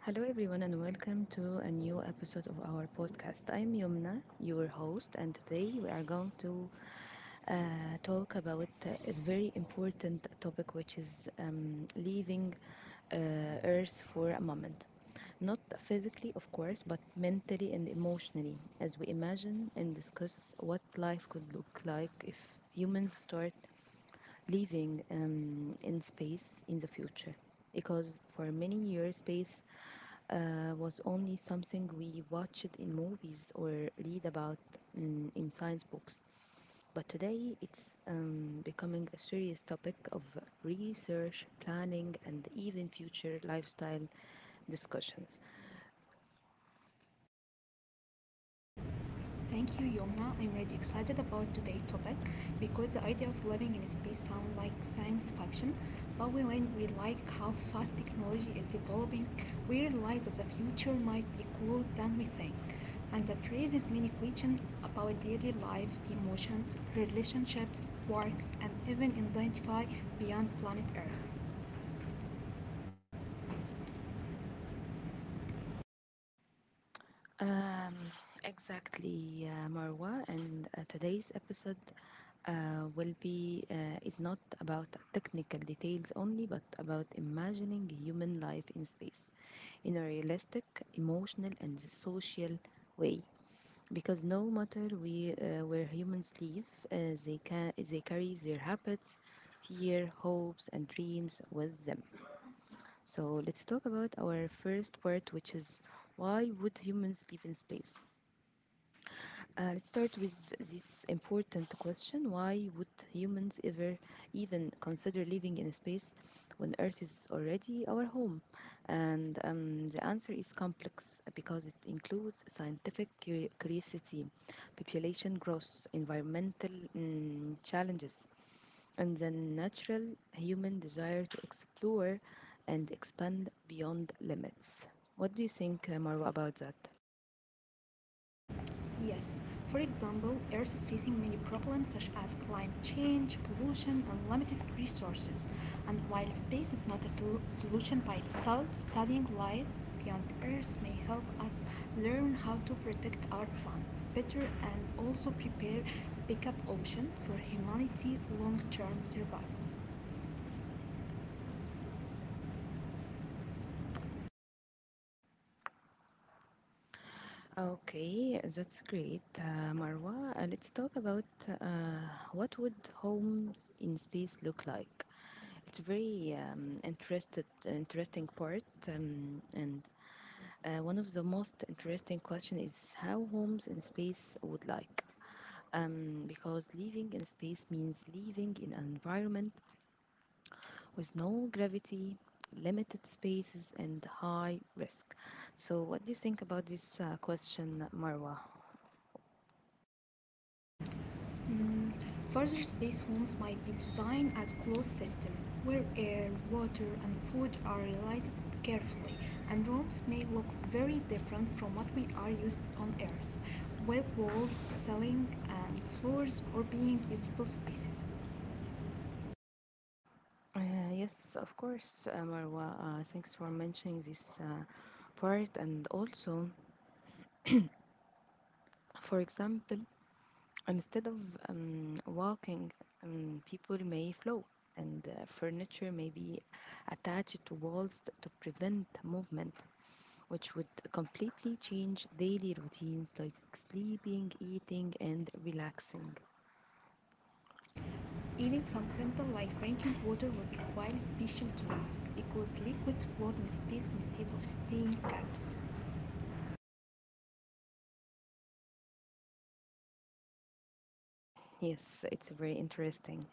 Hello, everyone, and welcome to a new episode of our podcast. I'm Yumna, your host, and today we are going to uh, talk about a very important topic, which is leaving uh, Earth for a moment. Not physically, of course, but mentally and emotionally, as we imagine and discuss what life could look like if humans start living in space in the future because for many years space was only something we watched in movies or read about in science books. But today it's becoming a serious topic of research, planning, and even future lifestyle discussions. Thank you, Yomna. I'm really excited about today's topic because the idea of living in space sounds like science fiction, but when we like how fast technology is developing, we realize that the future might be closer than we think, and that raises many questions about daily life, emotions, relationships, works, and even identify beyond planet Earth. Um, exactly, Marwa. And today's episode will be is not about technical details only, but about imagining human life in space in a realistic, emotional, and social way. Because no matter where humans live, they carry their habits, fear, hopes, and dreams with them. So let's talk about our first part, which is why would humans live in space? Let's start with this important question. Why would humans ever even consider living in space when Earth is already our home? And the answer is complex because it includes scientific curiosity, population growth, environmental challenges, and the natural human desire to explore and expand beyond limits. What do you think, Marwa, about that? Yes, for example, Earth is facing many problems such as climate change, pollution, and limited resources. And while space is not a solution by itself, studying life beyond Earth may help us learn how to protect our planet better and also prepare backup option for humanity long-term survival. Okay, that's great, Marwa. Let's talk about uh, what would homes in space look like. It's a very interesting part, and one of the most interesting question is how homes in space would like. Because living in space means living in an environment with no gravity, limited spaces, and high risk. So, what do you think about this question, Marwa? Mm, Further space homes might be designed as closed systems, where air, water, and food are realized carefully, and rooms may look very different from what we are used on Earth, with walls, ceiling, and floors or being usable spaces. Yes, of course, Marwa. Thanks for mentioning this part. And also, for example, instead of walking, people may flow, and furniture may be attached to walls to prevent movement, which would completely change daily routines like sleeping, eating, and relaxing. Even some simple like drinking water would require special tools because liquids float in space instead of staying caps. Yes, it's very interesting.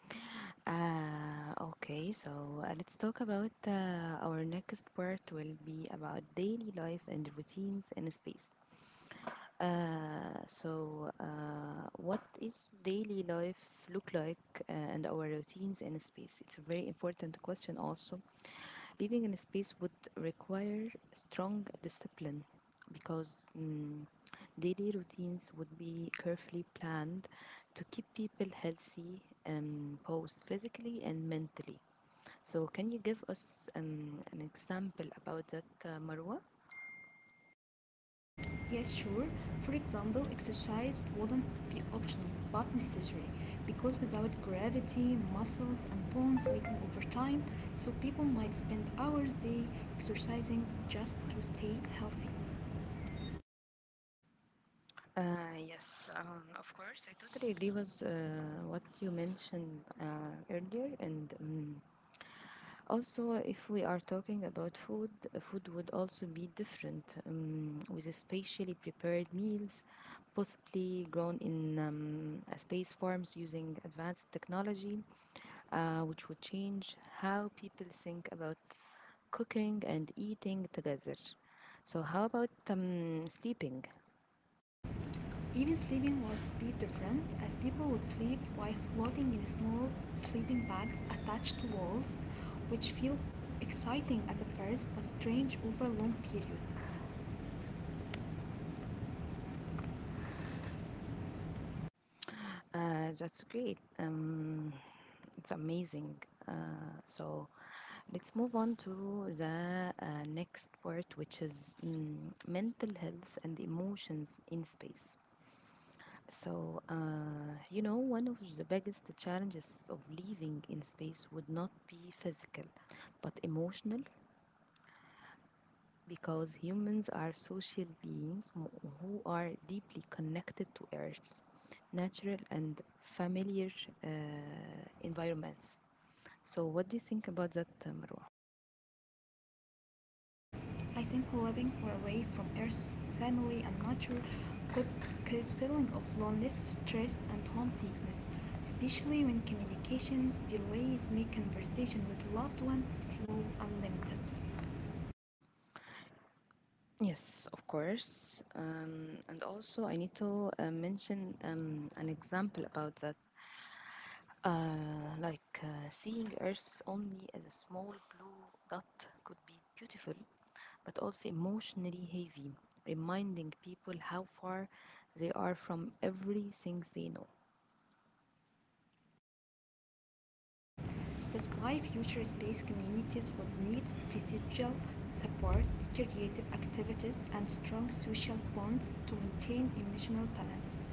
Okay, so let's talk about our next part will be about daily life and routines in space. What is daily life look like and our routines in space? It's a very important question also. Living in space would require strong discipline because daily routines would be carefully planned to keep people healthy both physically and mentally. So can you give us an example about that, Marwa? Yes, sure. For example, exercise wouldn't be optional but necessary because without gravity, muscles and bones weaken over time, so people might spend hours a day exercising just to stay healthy. Yes, of course. I totally agree with what you mentioned earlier. And Also, if we are talking about food, food would also be different with a specially prepared meals, possibly grown in space farms using advanced technology, which would change how people think about cooking and eating together. So how about sleeping? Even sleeping would be different as people would sleep while floating in small sleeping bags attached to walls, which feel exciting at the first but strange over long periods. That's great. It's amazing. Uh, so let's move on to the next part, which is mental health and emotions in space. So, you know, one of the biggest challenges of living in space would not be physical, but emotional because humans are social beings who are deeply connected to Earth's natural and familiar uh, environments. So, what do you think about that, Marwa? I think living far away from Earth, family, and nature could cause feeling of loneliness, stress, and homesickness, especially when communication delays make conversation with loved ones slow and limited. Yes, of course. And also, I need to mention an example about that. Like seeing Earth only as a small blue dot could be beautiful, but also emotionally heavy, reminding people how far they are from everything they know. That's why future space communities would need physical support, creative activities, and strong social bonds to maintain emotional balance.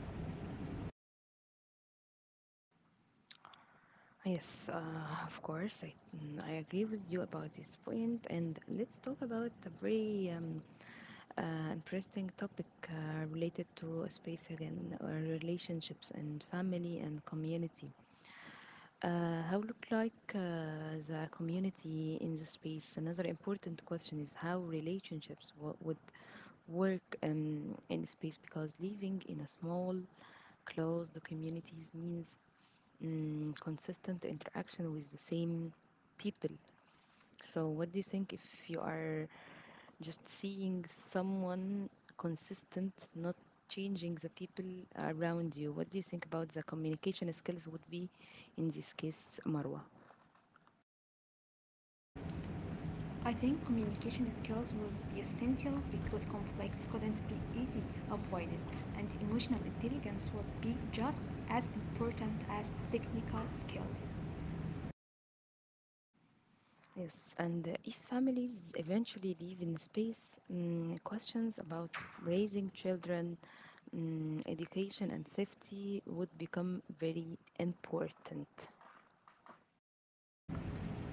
Yes, of course, I agree with you about this point, and let's talk about a very interesting topic related to space again, or relationships and family and community. How look like the community in the space? Another important question is how relationships would work in space because living in a small, closed communities means consistent interaction with the same people. So, what do you think if you are just seeing someone consistent, not changing the people around you? What do you think about the communication skills would be in this case, Marwa? I think communication skills would be essential because conflicts couldn't be easily avoided, and emotional intelligence would be just as important as technical skills. Yes, and if families eventually live in space, questions about raising children education and safety would become very important.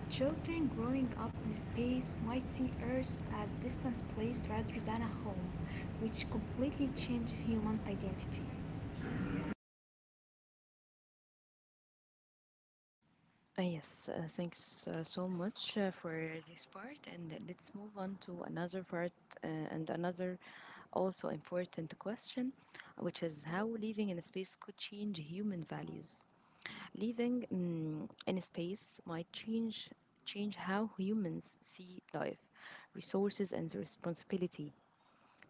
Children growing up in space might see Earth as a distant place rather than a home, which completely change human identity. Ah, yes, thanks so much for this part, and let's move on to another part uh, and another also important question, which is how living in space could change human values. Living in space might change how humans see life, resources, and responsibility.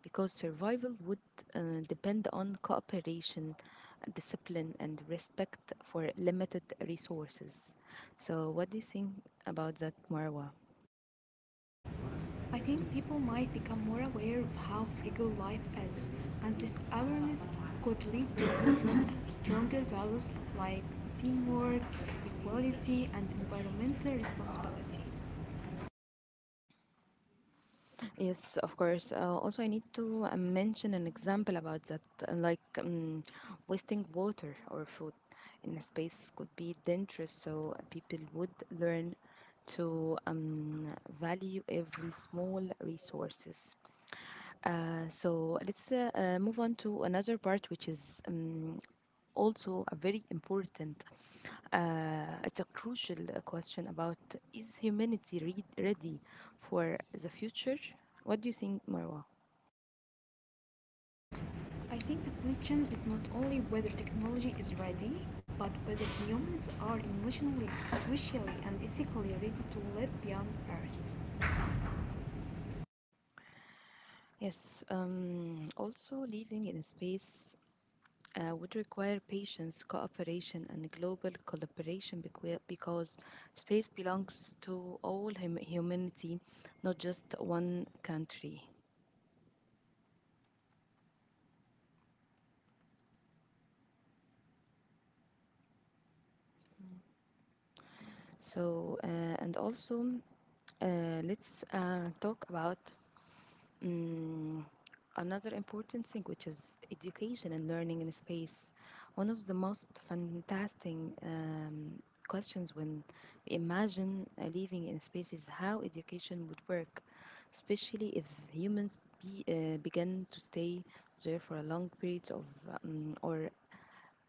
Because survival would depend on cooperation, discipline, and respect for limited resources. So, what do you think about that, Marwa? I think people might become more aware of how frugal life is, and this awareness could lead to stronger values like teamwork, equality, and environmental responsibility. Yes, of course. Also, I need to mention an example about that, like wasting water or food in a space could be dangerous. So people would learn to value every small resources. So let's move on to another part, which is also a very important. It's a crucial question about is humanity ready for the future? What do you think, Marwa? I think the question is not only whether technology is ready, but whether humans are emotionally, socially, and ethically ready to live beyond Earth. Yes. Also, living in space would require patience, cooperation, and global collaboration because space belongs to all humanity, not just one country. So, and also, let's talk about um, another important thing, which is education and learning in space. One of the most fantastic um, questions when we imagine living in space is how education would work, especially if humans begin to stay there for a long periods of, or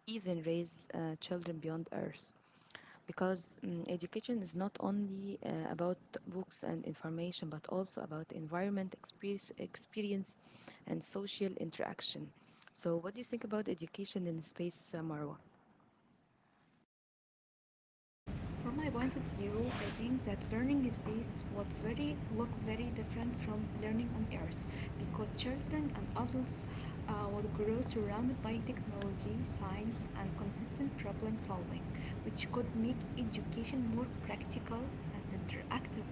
even raise children beyond Earth because education is not only about books and information but also about experience and social interaction. So what do you think about education in space, Marwa? From my point of view, I think that learning in space would very look very different from learning on Earth because children and adults would grow surrounded by technology, science, and consistent problem solving, which could make education more practical and interactive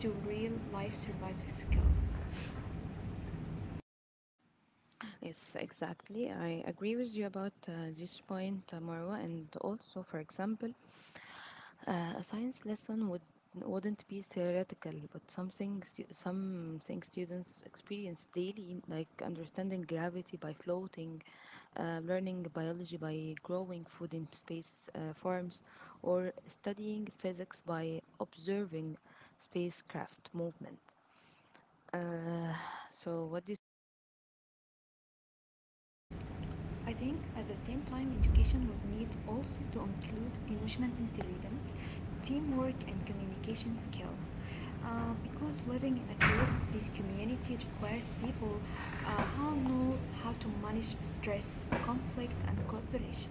to real life survival skills. Yes, exactly, I agree with you about this point, Marwa. And also, for example, a science lesson would wouldn't be theoretical but something something students experience daily, like understanding gravity by floating, learning biology by growing food in space farms, or studying physics by observing spacecraft movement. Uh, so, what do I think at the same time, education would need also to include emotional intelligence, teamwork, and communication skills. Because living in a closed space community requires people who know how to manage stress, conflict, and cooperation.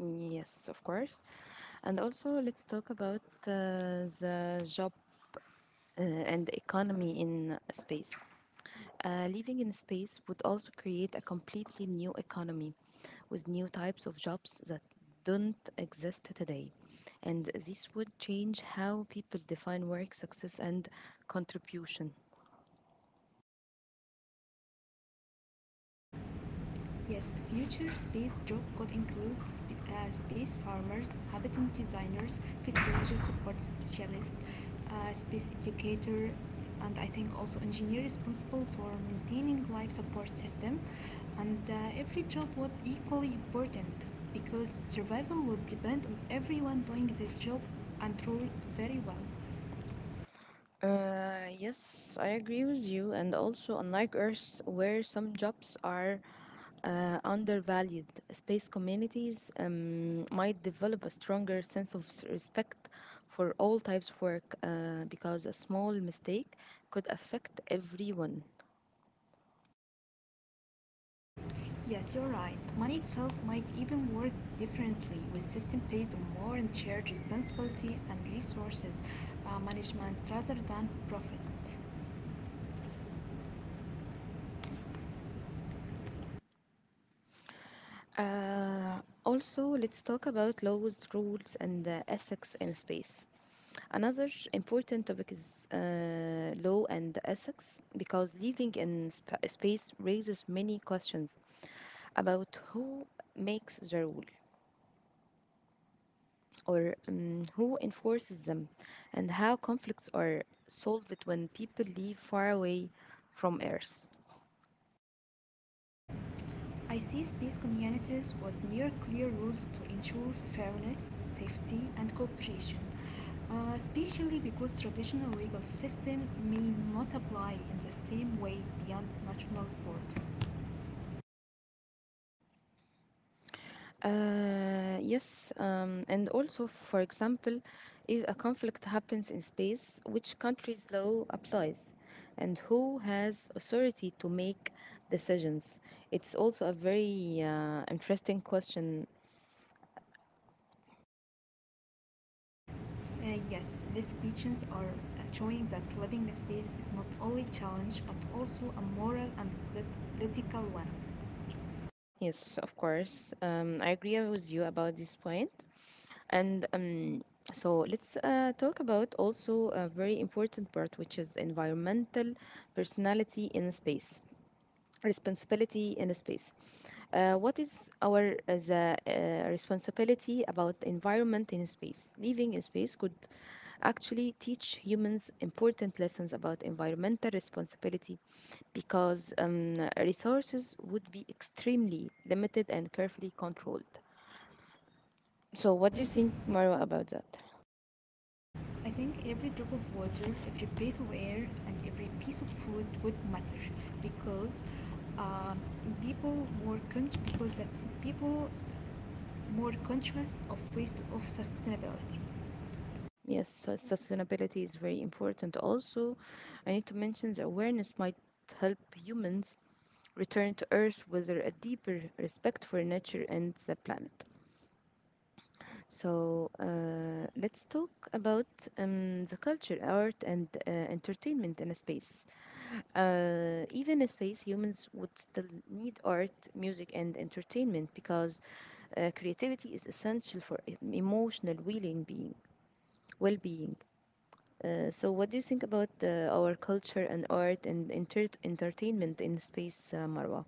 you? Yes, of course. And also, let's talk about the job and economy in space. Living in space would also create a completely new economy with new types of jobs that don't exist today. And this would change how people define work, success, and contribution. Yes, future space job could include space farmers, habitat designers, physiology support specialists, space educator, and I think also engineer responsible for maintaining life support system. And every job would equally important because survival would depend on everyone doing their job and truly very well. Yes, I agree with you. And also, unlike Earth, where some jobs are undervalued, space communities might develop a stronger sense of respect for all types of work because a small mistake could affect everyone. Yes, you're right. Money itself might even work differently with systems based on more and shared responsibility and resources management rather than profit. Uh, Also, let's talk about laws, rules, and ethics in space. Another important topic is law and ethics because living in space raises many questions about who makes the rule, or who enforces them, and how conflicts are solved when people live far away from Earth. I see space communities with near clear rules to ensure fairness, safety, and cooperation, especially because traditional legal system may not apply in the same way beyond national borders. Yes, and also, for example, if a conflict happens in space, which country's law applies, and who has authority to make decisions? It's also a very interesting question. Yes, these questions are showing that living space is not only a challenge but also a moral and political one. Yes, of course. I agree with you about this point. And so let's talk about also a very important part, which is environmental personality in space, responsibility in space. What is our responsibility about environment in space? Living in space could actually teach humans important lessons about environmental responsibility because resources would be extremely limited and carefully controlled. So, What what do do you you think? think, Marwa, about that? I think every drop of water, every breath of air, and every piece of food would matter because um, people more con- because that's people more conscious of waste of sustainability. Yes, sustainability is very important. Also, I need to mention the awareness might help humans return to Earth with a deeper respect for nature and the planet. So, let's talk about the culture, art, and entertainment in a space. Even in space, humans would still need art, music, and entertainment because creativity is essential for emotional well-being. Well-being. So, what do you think about our culture and art and entertainment in space, Marwa?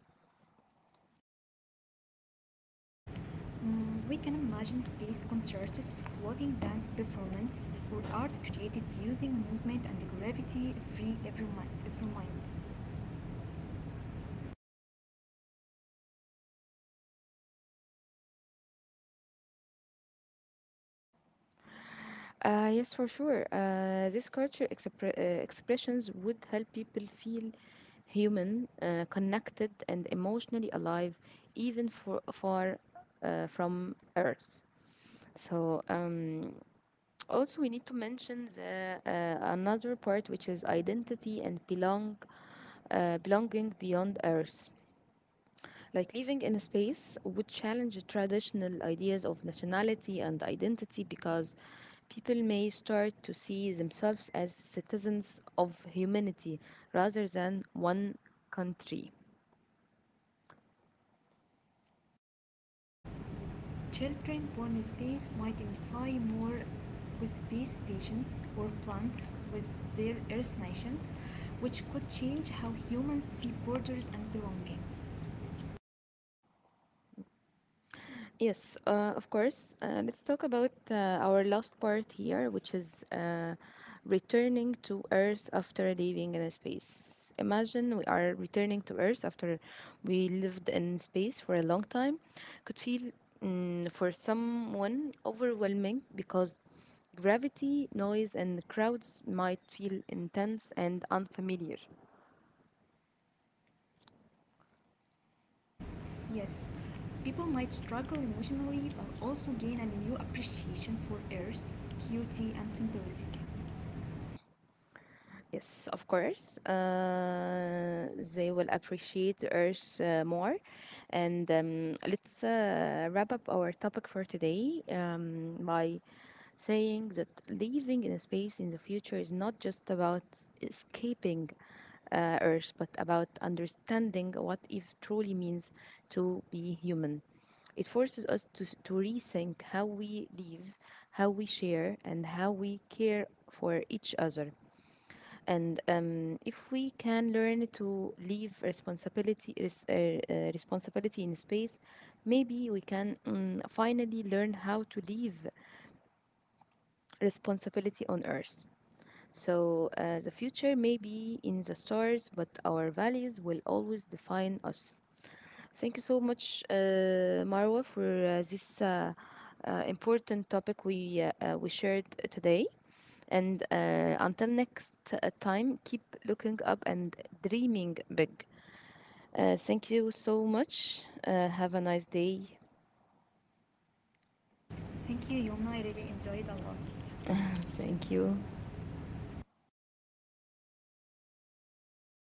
We can imagine space concerts, floating dance performance, or art created using movement and gravity free every minds. Yes, for sure. This culture expressions would help people feel human, connected, and emotionally alive, even for far from Earth. So, also we need to mention another part, which is belonging beyond Earth. Like living in a space would challenge traditional ideas of nationality and identity because people may start to see themselves as citizens of humanity rather than one country. Children born in space might identify more with space stations or plants with their Earth nations, which could change how humans see borders and belonging. Yes, of course. Let's talk about our last part here, which is returning to Earth after living in space. Imagine we are returning to Earth after we lived in space for a long time. Could feel for someone overwhelming because gravity, noise, and crowds might feel intense and unfamiliar. Yes, people might struggle emotionally but also gain a new appreciation for Earth, beauty, and simplicity. Yes, of course. They will appreciate the Earth more. And Let's wrap up our topic for today by saying that living in space in the future is not just about escaping Earth, but about understanding what it truly means to be human. It forces us to rethink how we live, how we share, and how we care for each other. And If we can learn to leave responsibility responsibility in space, maybe we can finally learn how to leave responsibility on Earth. So the future may be in the stars, but our values will always define us. Thank you so much, Marwa, for this important topic we shared today. And until next time, keep looking up and dreaming big. Thank you so much. Have a nice day. Thank you, Yoma. I really enjoyed a lot. Thank Thank you. you.